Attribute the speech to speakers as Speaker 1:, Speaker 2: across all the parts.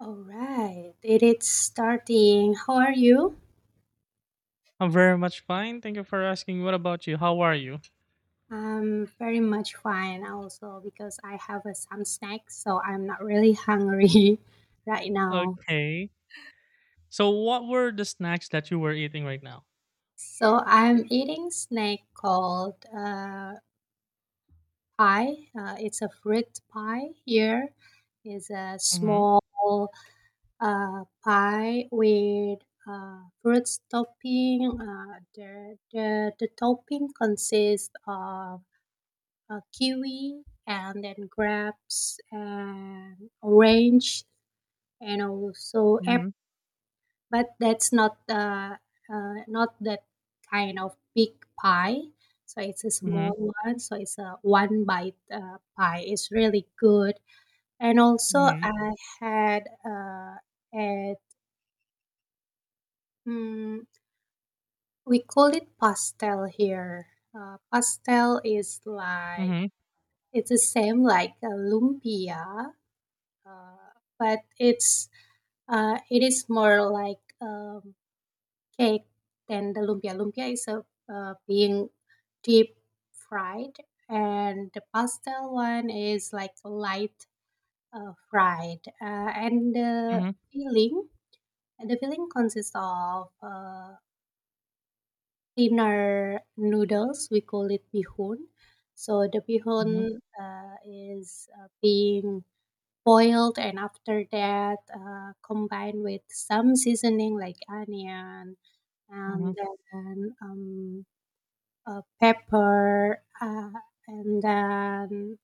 Speaker 1: All right, it is starting. How are you?
Speaker 2: I'm very much fine. Thank you for asking. What about you? How are you?
Speaker 1: I'm very much fine also because I have some snacks, so I'm not really hungry right now.
Speaker 2: Okay. So, what were the snacks that you were eating right now?
Speaker 1: So I'm eating snack called pie. It's a fruit pie. Here is a
Speaker 2: Mm-hmm.
Speaker 1: small pie with fruits topping. The topping consists of kiwi, and then grapes and orange and also apple.
Speaker 2: Mm-hmm.
Speaker 1: But that's not not that kind of big pie. So it's a small one. So it's a one bite pie. It's really good. And also
Speaker 2: Mm-hmm.
Speaker 1: I had at mm, we call it pastel here. Pastel is like
Speaker 2: Mm-hmm.
Speaker 1: it's the same like a lumpia, uh, but it is more like cake than the lumpia. Lumpia is a being deep fried, and the pastel one is like light fried, and
Speaker 2: Mm-hmm. Mm-hmm.
Speaker 1: filling the filling consists of thinner noodles. We call it bihun. So the
Speaker 2: Mm-hmm.
Speaker 1: bihun is being boiled, and after that combined with some seasoning like onion,
Speaker 2: Mm-hmm.
Speaker 1: and then pepper, and then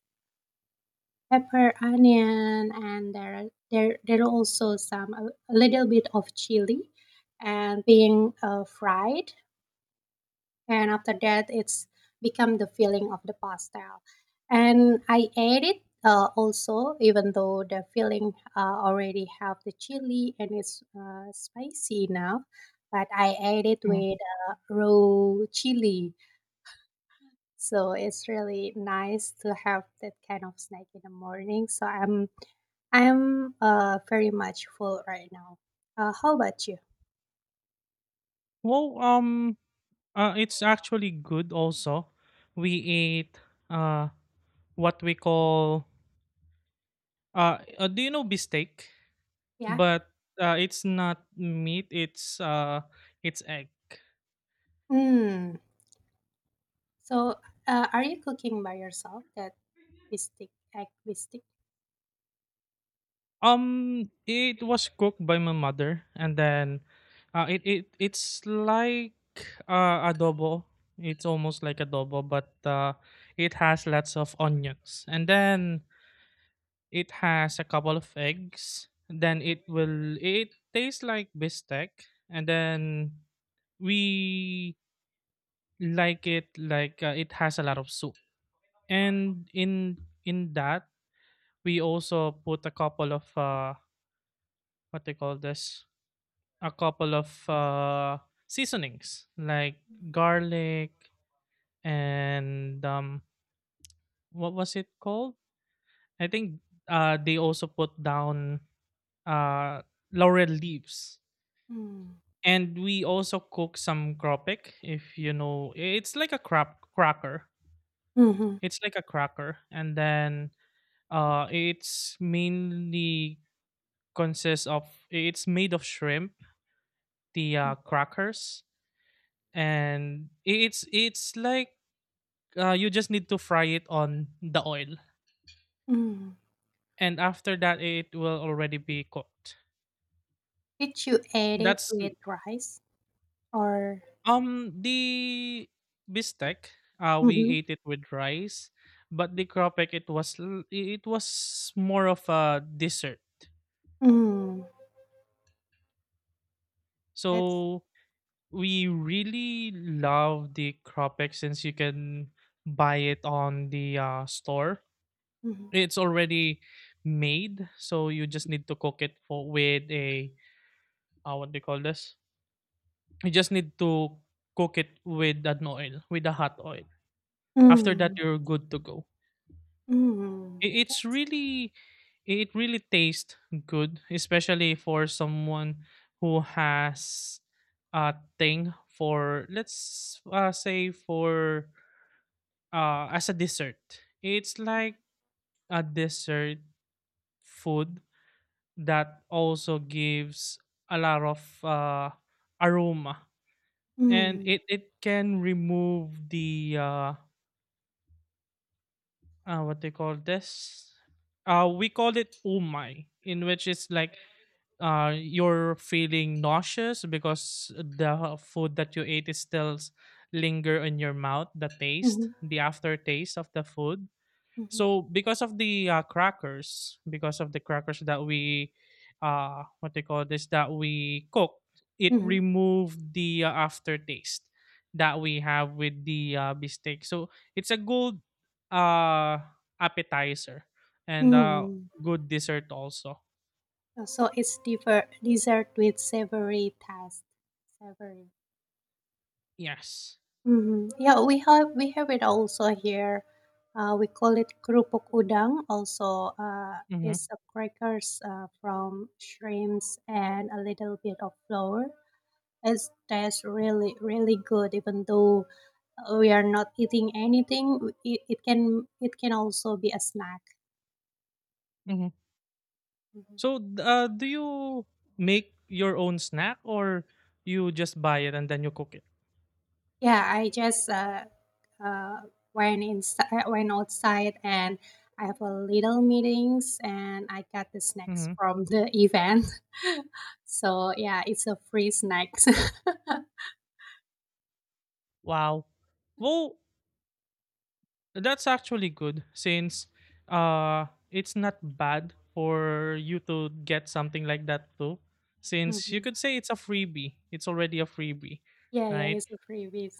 Speaker 1: pepper onion, and there are also some a little bit of chili, and being fried, and after that it's become the filling of the pastel. And I add it, also, even though the filling already have the chili and it's spicy enough, but I add it
Speaker 2: Mm-hmm.
Speaker 1: with raw chili. So it's really nice to have that kind of snack in the morning. So I'm very much full right now. How about you?
Speaker 2: Well, it's actually good. Also, we ate uh what we call do you know beefsteak?
Speaker 1: Yeah.
Speaker 2: But it's not meat. It's it's egg.
Speaker 1: Mm. So are you cooking by yourself that Activistic, activistic?
Speaker 2: It was cooked by my mother, and then it's like adobo. It's almost like adobo, but it has lots of onions, and then it has a couple of eggs. Then it will it tastes like bistec, and then we like it has a lot of soup, and in that we also put a couple of what they call this, a couple of seasonings like garlic and what was it called? I think they also put down uh, laurel leaves.
Speaker 1: Mm.
Speaker 2: And we also cook some kropik, if you know. It's like a crap cracker.
Speaker 1: Mhm.
Speaker 2: It's like a cracker. And then it's mainly consists of, it's made of shrimp, the
Speaker 1: Mm.
Speaker 2: crackers. And it's like you just need to fry it on the oil,
Speaker 1: Mm.
Speaker 2: and after that it will already be cooked.
Speaker 1: Did you add it
Speaker 2: That's
Speaker 1: with rice or?
Speaker 2: The bistec, we
Speaker 1: Mhm.
Speaker 2: ate it with rice, but the cropek, it was more of a dessert.
Speaker 1: Mm. That's.
Speaker 2: So we really love the cropek since you can buy it on the store.
Speaker 1: Mhm.
Speaker 2: It's already made, so you just need to cook it for with a what do you call this? You just need to cook it with an oil, with a hot oil. After that,
Speaker 1: Mm.
Speaker 2: you're good to go.
Speaker 1: Mm.
Speaker 2: It's
Speaker 1: That-.
Speaker 2: really, it really tastes good, especially for someone who has a thing for, let's say, for as a dessert. It's like a dessert food that also gives a lot of aroma, and
Speaker 1: Mm.
Speaker 2: it can remove the what they call this, we call it umai, in which it's like you're feeling nauseous because the food that you ate is linger in your mouth, the taste,
Speaker 1: Mhm.
Speaker 2: the aftertaste of the food.
Speaker 1: Mhm.
Speaker 2: So because of the crackers, because of the crackers that we, what they call this, that we cook, it
Speaker 1: Mhm.
Speaker 2: removed the aftertaste that we have with the bistec. So it's a good uh, appetizer and
Speaker 1: Mm.
Speaker 2: good dessert also.
Speaker 1: So it's dessert with savory taste. Savory.
Speaker 2: Yes.
Speaker 1: Mhm. Yeah, we have it also here. We call it kerupuk udang. Also,
Speaker 2: Mm-hmm.
Speaker 1: is a crackers from shrimps and a little bit of flour. It tastes really really good. Even though we are not eating anything, it can also be a snack.
Speaker 2: Mm-hmm.
Speaker 1: Mhm.
Speaker 2: So do you make your own snack or you just buy it and then you cook it?
Speaker 1: Yeah, I just uh, went outside, and I have a little meetings, and I got the snacks
Speaker 2: Mm-hmm.
Speaker 1: from the event. So, yeah, it's a free snacks.
Speaker 2: Wow. Well, that's actually good since it's not bad for you to get something like that too, since you
Speaker 1: Mhm.
Speaker 2: could say it's a freebie. It's already a freebie,
Speaker 1: Yeah, yeah,
Speaker 2: right?
Speaker 1: it's a freebies.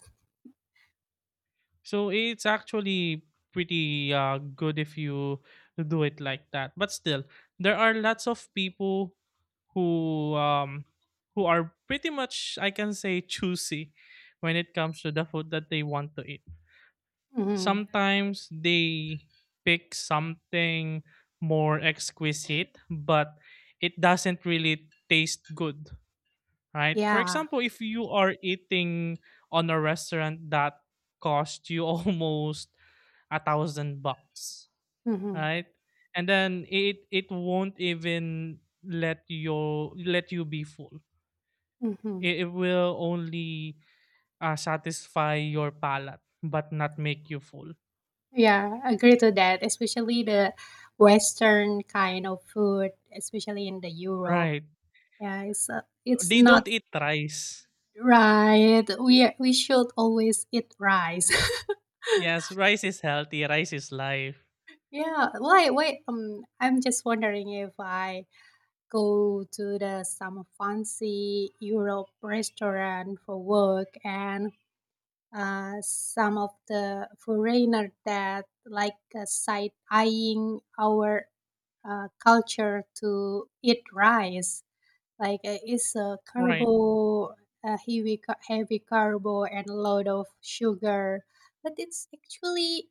Speaker 2: So it's actually pretty good if you do it like that. But still, there are lots of people who um who are pretty much, I can say, choosy when it comes to the food that they want to eat.
Speaker 1: Mhm.
Speaker 2: Sometimes they pick something more exquisite, but it doesn't really taste good, right? For
Speaker 1: Yeah.
Speaker 2: example, if you are eating on a restaurant that cost you almost 1,000 bucks,
Speaker 1: Mhm.
Speaker 2: right? And then it won't even let you be full.
Speaker 1: Mhm.
Speaker 2: It will only satisfy your palate but not make you full,
Speaker 1: Yeah, agree to that, especially the Western kind of food, especially in the Europe.
Speaker 2: right?
Speaker 1: Yeah, it's
Speaker 2: They
Speaker 1: not
Speaker 2: don't eat rice.
Speaker 1: right. We should always eat rice.
Speaker 2: Yes, rice is healthy, rice is life.
Speaker 1: Yeah, why I'm just wondering if I go to the some fancy Europe restaurant for work, and some of the foreigner that like side eyeing our culture to eat rice. Like it's a
Speaker 2: Right.
Speaker 1: carbo, heavy, heavy carbo and a lot of sugar. But it's actually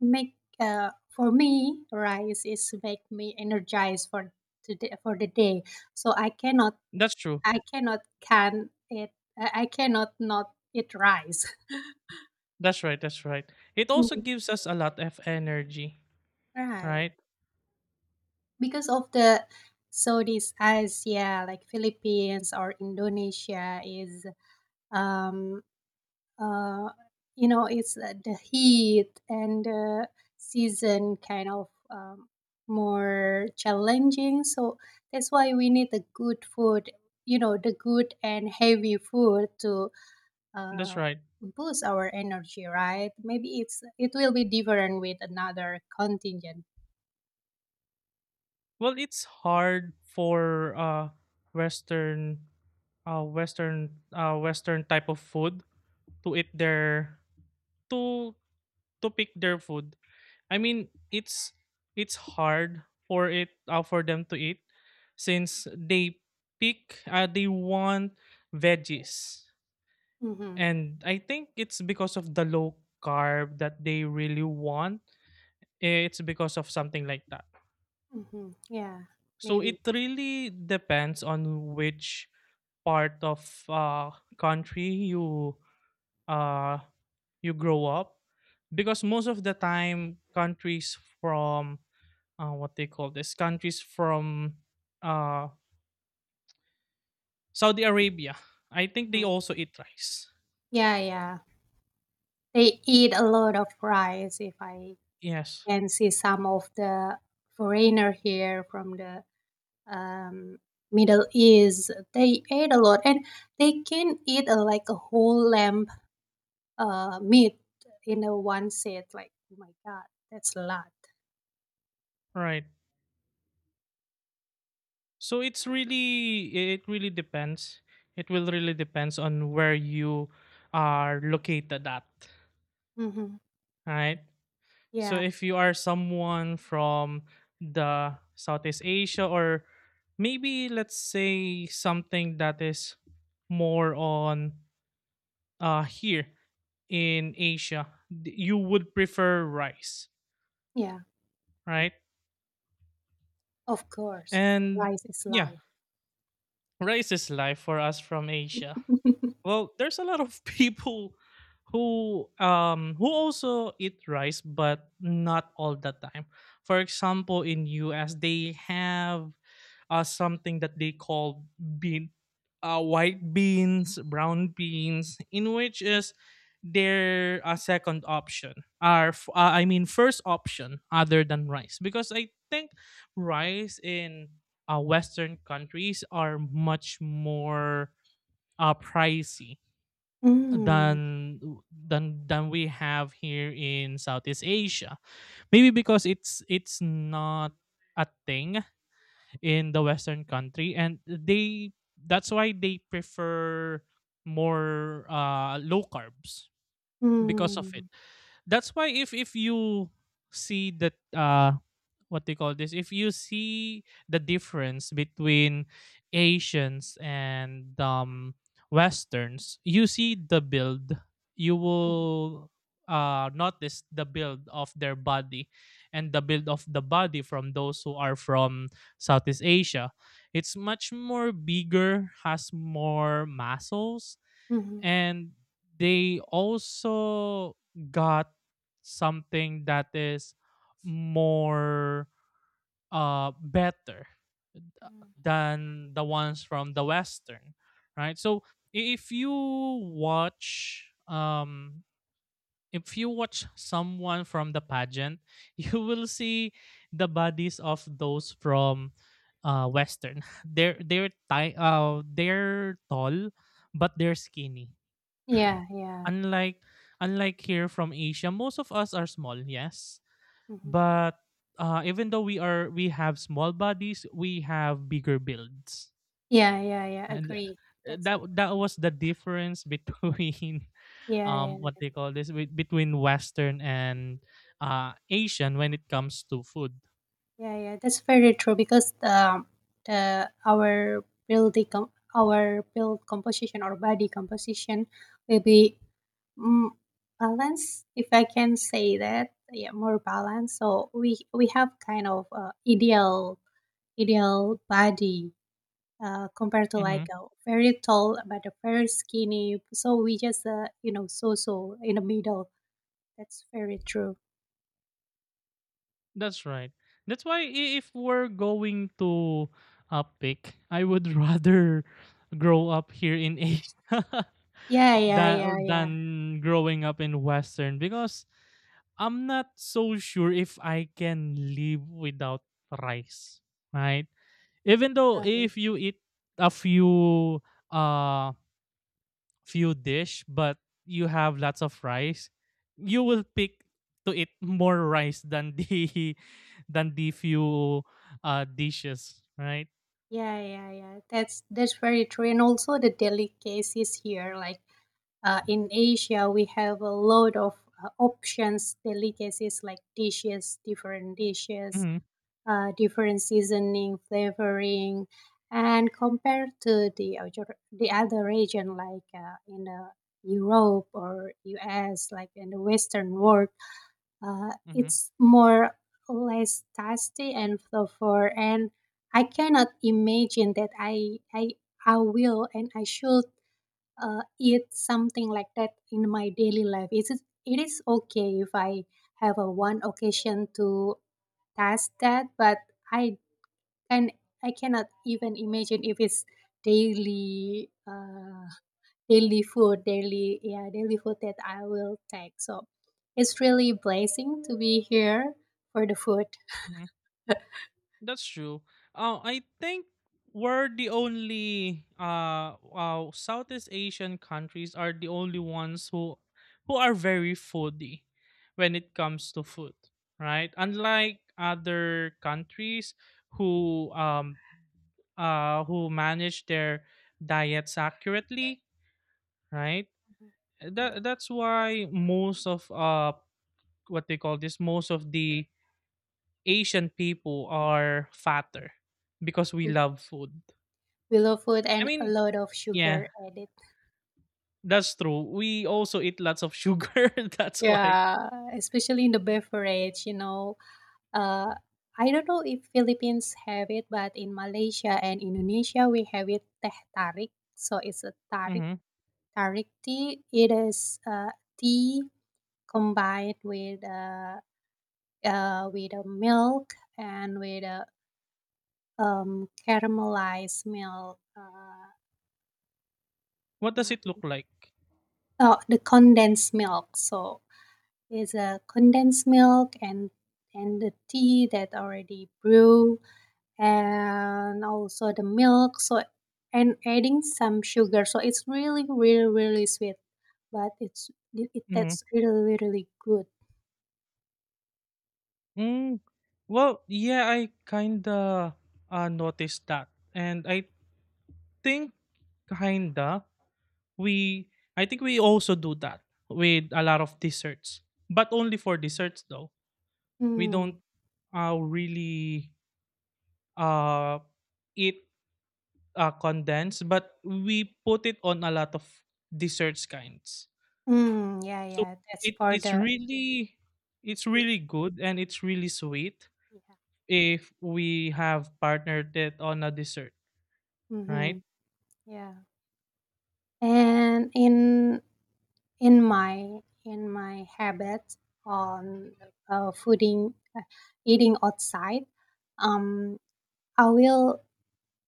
Speaker 1: make for me rice is make me energized for today for the day. So
Speaker 2: That's true.
Speaker 1: I cannot can it I cannot not eat rice.
Speaker 2: That's right, that's right. It also
Speaker 1: Mm.
Speaker 2: gives us a lot of energy,
Speaker 1: Right.
Speaker 2: right?
Speaker 1: Because of the Southeast Asia, like Philippines or Indonesia, is um uh you know it's the heat and the season kind of more challenging. So that's why we need the good food, you know, the good and heavy food to
Speaker 2: That's
Speaker 1: uh
Speaker 2: right.
Speaker 1: boost our energy, right? Maybe it's it will be different with another contingent.
Speaker 2: Well, it's hard for western western type of food to eat their to to pick their food. I mean, it's hard for it for them to eat since they pick they want veggies.
Speaker 1: Mm-hmm.
Speaker 2: And I think it's because of the low carb that they really want. It's because of something like that.
Speaker 1: Mm-hmm. Yeah,
Speaker 2: So
Speaker 1: maybe.
Speaker 2: it really depends on which part of country you uh, you grow up, because most of the time countries from what they call this, countries from uh, Saudi Arabia, I think they
Speaker 1: Mm.
Speaker 2: also eat rice.
Speaker 1: Yeah, yeah. They eat a lot of rice. If I
Speaker 2: Yes,
Speaker 1: can see some of the foreigner here from the um, Middle East, they ate a lot, and they can eat like a whole lamb meat in a one set. Like, oh my God, that's a lot.
Speaker 2: right. So it's really, it really depends. It will really depends on where you are located at,
Speaker 1: Hmm.
Speaker 2: right? So
Speaker 1: Yeah,
Speaker 2: if you are someone from the Southeast Asia, or maybe let's say something that is more on here in Asia, you would prefer rice,
Speaker 1: yeah.
Speaker 2: right?
Speaker 1: Of course,
Speaker 2: And
Speaker 1: rice is
Speaker 2: yeah,
Speaker 1: life.
Speaker 2: rice is life for us from Asia. Well, there's a lot of people who also eat rice, but not all the time. For example, in US they have something that they call bean, white beans, brown beans, in which is their second option I mean first option other than rice, because I think rice in western countries are much more pricey
Speaker 1: Mm,
Speaker 2: than than we have here in Southeast Asia. Maybe because it's not a thing in the Western country, and they that's why they prefer more low carbs because of it.
Speaker 1: mm,
Speaker 2: That's why if you see that what they call this, if you see the difference between asians and westerns, you see the build. You
Speaker 1: mhm,
Speaker 2: will notice the build of their body, and the build of the body from those who are from southeast asia, it's much more bigger, has more muscles.
Speaker 1: mhm.
Speaker 2: And they also got something that is more better than the ones from the western, right? So i- if you watch um if you watch someone from the pageant, you will see the bodies of those from western. They're they're tall but they're skinny.
Speaker 1: Yeah, yeah.
Speaker 2: unlike Unlike here from asia, most of us are small, yes,
Speaker 1: Mhm.
Speaker 2: but even though we are, we have small bodies, we have bigger builds.
Speaker 1: Yeah, yeah, yeah.
Speaker 2: And
Speaker 1: Agree. That's
Speaker 2: that was the difference between
Speaker 1: yeah,
Speaker 2: what
Speaker 1: yeah,
Speaker 2: they call this, between western and asian when it comes to food.
Speaker 1: yeah, yeah. That's very true because the our build com- our build composition or body composition will be mm, balanced, if I can say that. Yeah, more balanced. So we have kind of ideal ideal body compared to like
Speaker 2: Mm-hmm.
Speaker 1: a very tall but a very skinny. So we just you know so so in the middle. That's very true.
Speaker 2: That's right. That's why if we're going to pick, I would rather grow up here in Asia
Speaker 1: Yeah, yeah, yeah,
Speaker 2: than
Speaker 1: yeah.
Speaker 2: growing up in Western, because I'm not so sure if I can live without rice, right? Even though if you eat a few uh few dish but you have lots of rice, you will pick to eat more rice than the than the few dishes, right?
Speaker 1: Yeah, yeah, yeah. That's very true. And also the delicacies here, like in Asia, we have a lot of options, delicacies like dishes,
Speaker 2: Mhm.
Speaker 1: different seasoning, flavoring, and compared to the other region, like in Europe or US, like in the Western world,
Speaker 2: Mhm.
Speaker 1: it's more less tasty and flavor, and I cannot imagine that I will and I should eat something like that in my daily life. It is okay if I have a one occasion to taste that, but I can I cannot even imagine if it's daily. Daily food daily yeah daily food that I will take. So it's really blessing to be here for the food.
Speaker 2: Mhm. That's true. I think we're the only Southeast Asian countries are the only ones who are very foodie when it comes to food, right? Unlike other countries who um who manage their diets accurately, right?
Speaker 1: Mhm. Yeah,
Speaker 2: That's why most of what they call this, most of the Asian people are fatter because we love food.
Speaker 1: we love food
Speaker 2: I
Speaker 1: and a
Speaker 2: mean,
Speaker 1: lot of
Speaker 2: yeah,
Speaker 1: sugar added.
Speaker 2: that's true. We also eat lots of sugar. That's why.
Speaker 1: Yeah, especially in the beverage, you know, uh I don't know if Philippines have it, but in Malaysia and Indonesia we have it teh tarik. So it's a tarik
Speaker 2: Hmm.
Speaker 1: tarik tea. It is tea combined with a milk and with a caramelized milk.
Speaker 2: What does it
Speaker 1: Mm,
Speaker 2: look like?
Speaker 1: oh, the condensed milk. So it's a condensed milk and the tea that already brew, and also the milk. So and adding some sugar. So it's really really really sweet, but it
Speaker 2: Mhm.
Speaker 1: that's really really good.
Speaker 2: Mm, well, yeah, I kinda noticed that, and I think, kinda, we I think we also do that with a lot of desserts, but only for desserts though. We
Speaker 1: Mm.
Speaker 2: don't really uh, eat condensed, but we put it on a lot of desserts kinds.
Speaker 1: Mm, yeah,
Speaker 2: So
Speaker 1: yeah. That's for
Speaker 2: it's
Speaker 1: the
Speaker 2: really, it's
Speaker 1: sweet.
Speaker 2: really good and it's really sweet
Speaker 1: Yeah.
Speaker 2: if we have partnered it on a dessert,
Speaker 1: Mm-hmm.
Speaker 2: right?
Speaker 1: Yeah. And in my habits on fooding eating outside, um I will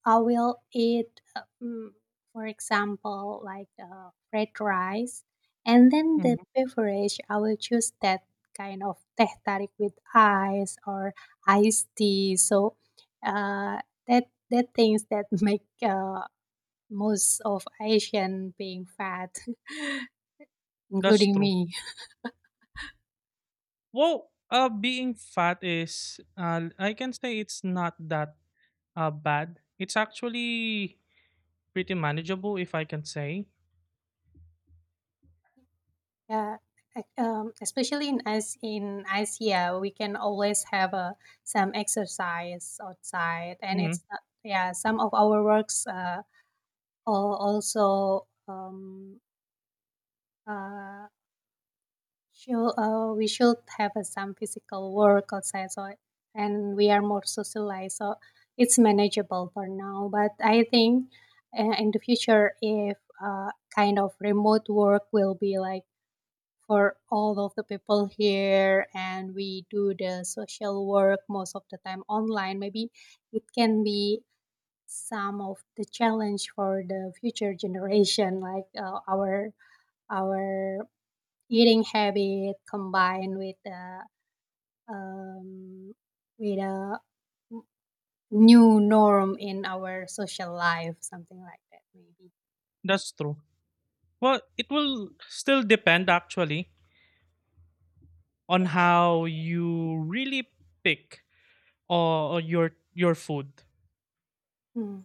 Speaker 1: eat for example like fried rice, and then the
Speaker 2: Mhm.
Speaker 1: beverage I will choose that kind of teh tarik with ice or iced tea. So uh that that things that make most of Asian being fat.
Speaker 2: That's
Speaker 1: Including
Speaker 2: true.
Speaker 1: me.
Speaker 2: Well, being fat is, I can say it's not that bad. It's actually pretty manageable, if I can say.
Speaker 1: Yeah, especially in as in Asia, we can always have some exercise outside, and
Speaker 2: Hmm.
Speaker 1: it's not, yeah. Some of our works also uh, show, we should have some physical work outside, so and we are more socialized, so it's manageable for now. But I think in the future, if kind of remote work will be like for all of the people here and we do the social work most of the time online, maybe it can be some of the challenge for the future generation, like our eating habit combined with the um, with a new norm in our social life, something like that, maybe.
Speaker 2: That's true. Well, it will still depend, actually, on how you really pick or your food.
Speaker 1: Mm,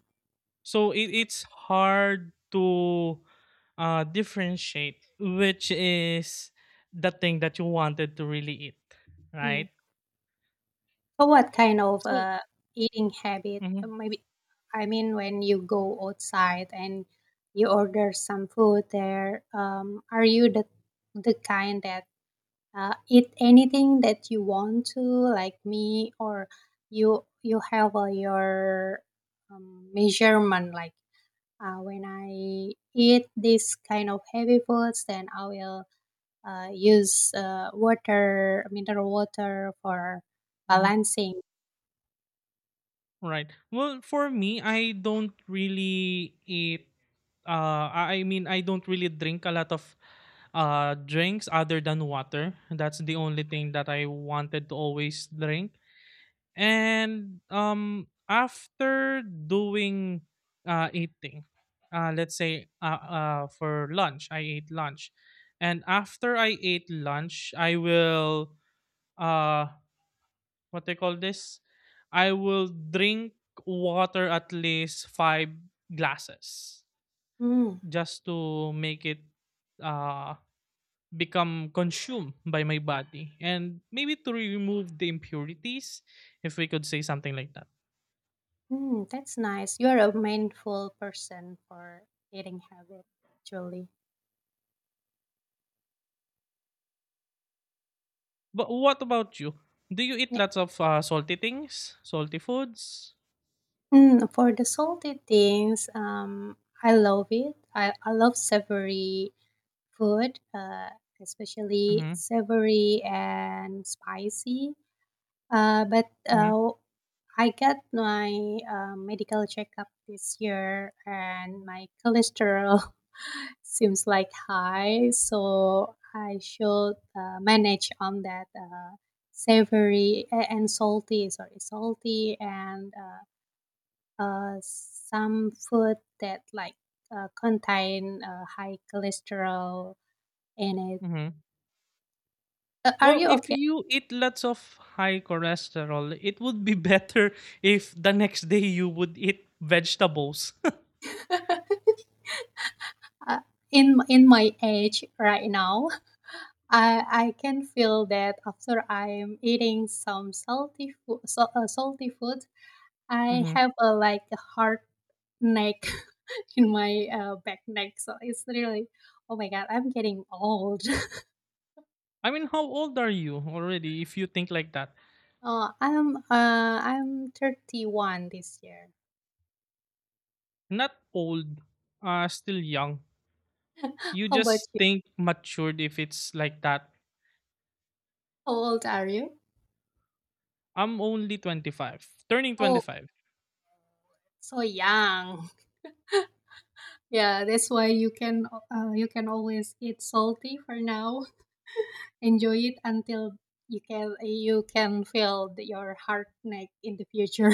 Speaker 2: So it's hard to differentiate which is the thing that you wanted to really eat, right?
Speaker 1: mm. So what kind of
Speaker 2: So,
Speaker 1: eating habit?
Speaker 2: mhm,
Speaker 1: Maybe I mean when you go outside and you order some food there, are you the kind that eat anything that you want to, like me, or you have your measurement like when I eat this kind of heavy foods, then I will use water, mineral water for
Speaker 2: mhm,
Speaker 1: balancing.
Speaker 2: right. Well, for me, I don't really eat. I I mean, I don't really drink a lot of drinks other than water. That's the only thing that I wanted to always drink. And after doing eating, let's say, for lunch, I ate lunch. And after I ate lunch, I will uh what they call this? I will drink water at least five glasses,
Speaker 1: Mm.
Speaker 2: just to make it uh become consumed by my body, and maybe to remove the impurities, if we could say something like that.
Speaker 1: Mm, that's nice. You're a mindful person for eating habit, actually.
Speaker 2: But what about you? Do you eat
Speaker 1: Yeah.
Speaker 2: lots of salty things, salty foods?
Speaker 1: Mm, for the salty things, I love it. I love savory food, especially
Speaker 2: Mm-hmm,
Speaker 1: savory and spicy. Uh, but
Speaker 2: mm-hmm,
Speaker 1: uh, I got my medical checkup this year, and my cholesterol seems like high. So I should manage on that savory and salty. Sorry, salty and some food that like contain high cholesterol in it.
Speaker 2: mm-hmm.
Speaker 1: Are
Speaker 2: Well,
Speaker 1: you
Speaker 2: if
Speaker 1: okay?
Speaker 2: you eat lots of high cholesterol, it would be better if the next day you would eat vegetables.
Speaker 1: Uh, in my age right now, I can feel that after I'm eating some salty food, so, salty food, I
Speaker 2: Hmm.
Speaker 1: have a like a hard neck in my back neck. So it's really, oh my god, I'm getting old.
Speaker 2: I mean, how old are you already if you think like that?
Speaker 1: Uh, I'm uh, I'm 31 this year.
Speaker 2: Not old, still young. You
Speaker 1: How about
Speaker 2: just
Speaker 1: you?
Speaker 2: think matured if it's like that.
Speaker 1: How old are you?
Speaker 2: I'm only 25, turning
Speaker 1: Oh,
Speaker 2: 25.
Speaker 1: so young. Yeah, that's why you can always eat salty for now. Enjoy it until you can feel the- your heart neck in the future.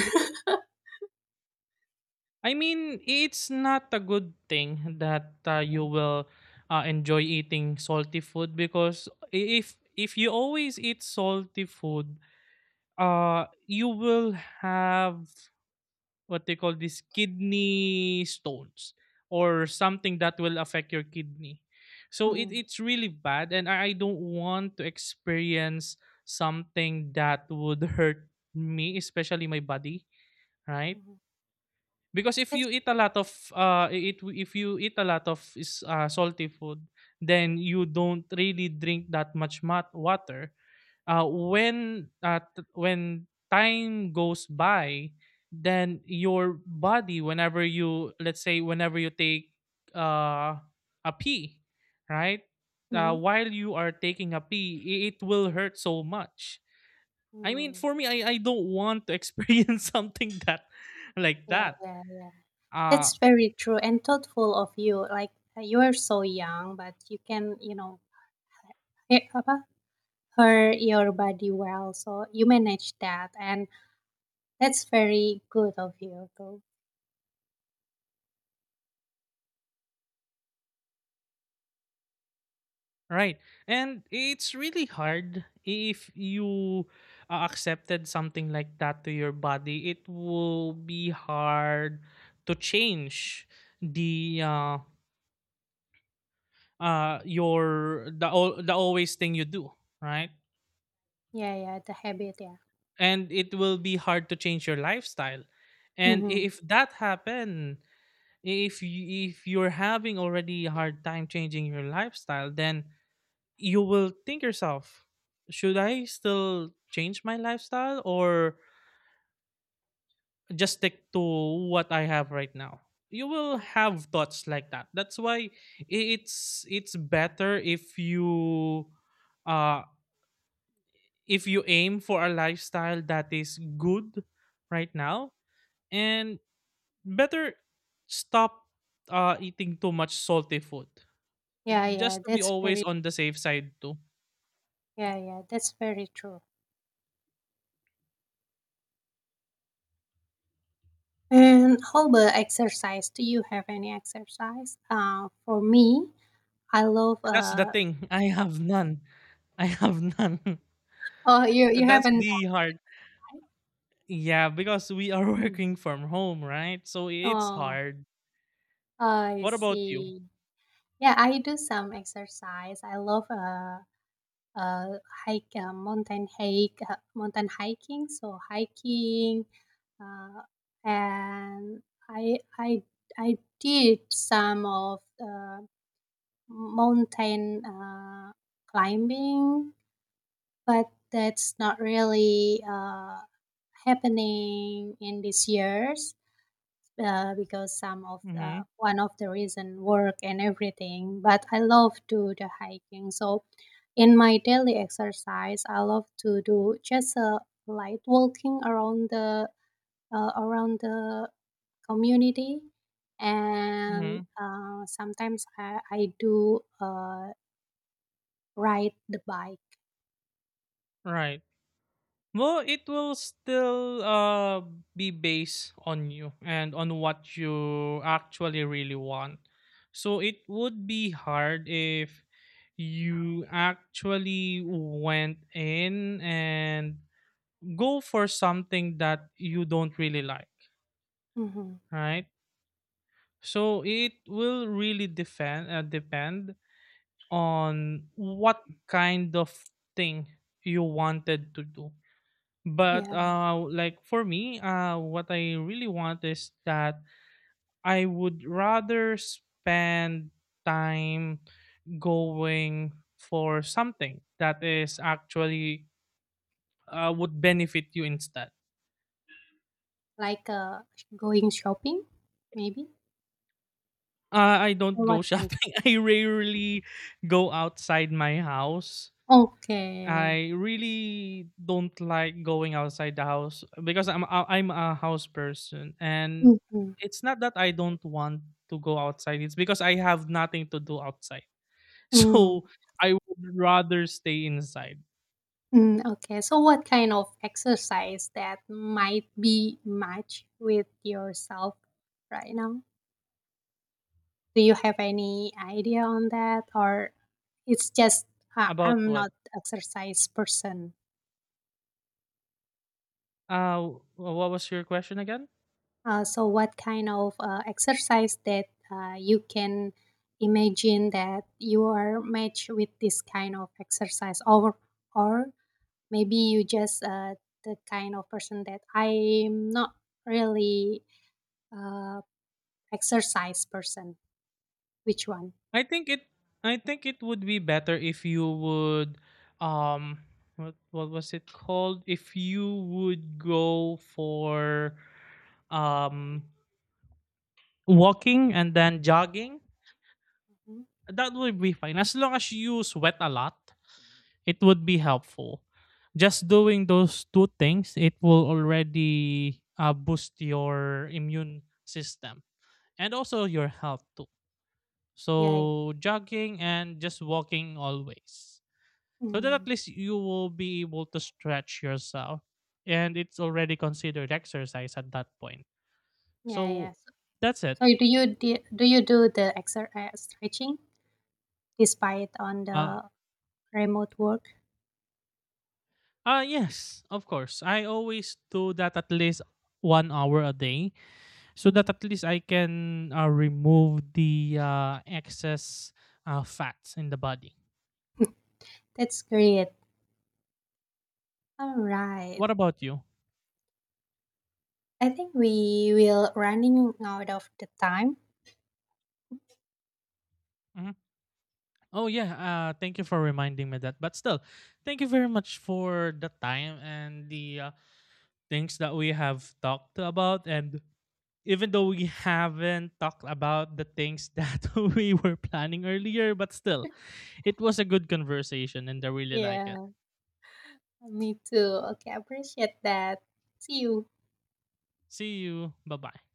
Speaker 2: I mean, it's not a good thing that you will enjoy eating salty food because if you always eat salty food you will have what they call these kidney stones or something that will affect your kidney. So it,
Speaker 1: Mm-hmm.
Speaker 2: it's really bad and I don't want to experience something that would hurt me, especially my body, right? Because if
Speaker 1: That's
Speaker 2: you eat a lot of I- it if you eat a lot of is salty food, then you don't really drink that much water. When when time goes by, then your body, whenever you, let's say whenever you take uh, a pee, right,
Speaker 1: mm-hmm.
Speaker 2: while you are taking a pee, it will hurt so much. I mean, for me, I don't want to experience something that like
Speaker 1: Yeah,
Speaker 2: that.
Speaker 1: yeah, yeah.
Speaker 2: uh,
Speaker 1: That's very true and thoughtful of you. Like you are so young, but you can, you know, apa, hurt your body well. So you manage that, and that's very good of you too.
Speaker 2: Right. And it's really hard if you accepted something like that to your body, it will be hard to change the your the always thing you do, right?
Speaker 1: Yeah, yeah, the habit. Yeah.
Speaker 2: And it will be hard to change your lifestyle. And
Speaker 1: Mm-hmm.
Speaker 2: if that happen, if you're having already a hard time changing your lifestyle, then you will think yourself, should I still change my lifestyle or just stick to what I have right now? You will
Speaker 1: Yeah,
Speaker 2: have thoughts like that. That's why it's better uh if you aim for a lifestyle that is good right now and better stop eating too much salty food.
Speaker 1: yeah, yeah.
Speaker 2: Just to be always on the safe side too.
Speaker 1: Yeah, yeah. That's very true. And how about exercise? Do you have any exercise? For me, I love.
Speaker 2: That's the thing. I have none. I have none.
Speaker 1: Oh, you
Speaker 2: That's
Speaker 1: haven't
Speaker 2: the hard.
Speaker 1: done.
Speaker 2: Yeah, because we are
Speaker 1: Mhm.
Speaker 2: working from home, right? So it's
Speaker 1: Oh,
Speaker 2: hard.
Speaker 1: I
Speaker 2: What about you?
Speaker 1: see. Yeah, I do some exercise. I love uh, hike, mountain hike, mountain hiking. So hiking, uh, and I I I did some of mountain climbing, but that's not really happening in these years, because some of
Speaker 2: Mm-hmm.
Speaker 1: the one of the reason work and everything. But I love to the hiking. So in my daily exercise I love to do just a light walking around the community,
Speaker 2: Mm-hmm.
Speaker 1: and sometimes I do ride the bike.
Speaker 2: Right. Well, it will still be based on you and on what you actually really want. So it would be hard if you actually went in and go for something that you don't really like,
Speaker 1: Hmm.
Speaker 2: right? So it will really depend on what kind of thing you wanted to do. But
Speaker 1: Yeah,
Speaker 2: like for me, what I really want is that I would rather spend time going for something that is actually would benefit you instead.
Speaker 1: like going shopping maybe
Speaker 2: I don't
Speaker 1: or what
Speaker 2: go
Speaker 1: kind.
Speaker 2: shopping. I rarely go outside my house.
Speaker 1: Okay.
Speaker 2: I really don't like going outside the house because I'm a house person, and
Speaker 1: Hmm.
Speaker 2: it's not that I don't want to go outside, it's because I have nothing to do outside. So I would rather stay inside.
Speaker 1: Mm, okay. So what kind of exercise that might be match with yourself right now? Do you have any idea on that or it's just
Speaker 2: About
Speaker 1: I'm not
Speaker 2: what?
Speaker 1: exercise person.
Speaker 2: Uh, what was your question again?
Speaker 1: So what kind of exercise that you can imagine that you are matched with this kind of exercise, or maybe you just the kind of person that I'm not really uh, exercise person. Which one?
Speaker 2: I think it I think it would be better if you would um what was it called? If you would go for um walking and then jogging,
Speaker 1: Mhm.
Speaker 2: that would be fine. As long as you sweat a lot, it would be helpful. Just doing those two things, it will already boost your immune system and also your health too.
Speaker 1: Yeah. Yeah.
Speaker 2: So jogging and just walking always. So that
Speaker 1: Mm,
Speaker 2: at least you will be able to stretch yourself and it's already considered exercise at that point.
Speaker 1: yeah, yeah.
Speaker 2: So
Speaker 1: So,
Speaker 2: that's it.
Speaker 1: do you do, the exercise stretching despite on
Speaker 2: Uh,
Speaker 1: the remote work?
Speaker 2: Uh yes, of course. I always do that at least 1 hour a day so that
Speaker 1: Mm,
Speaker 2: at least I can remove the excess fats in the body.
Speaker 1: that's great. All right.
Speaker 2: What about you?
Speaker 1: I think we will running out of the time.
Speaker 2: Mhm. Oh yeah, thank you for reminding me that. But still, thank you very much for the time and the things that we have talked about, and even though we haven't talked about the things that we were planning earlier, but still, it was a good conversation and I really like it.
Speaker 1: Yeah, me too. Okay, I appreciate that. See you.
Speaker 2: See you. Bye bye.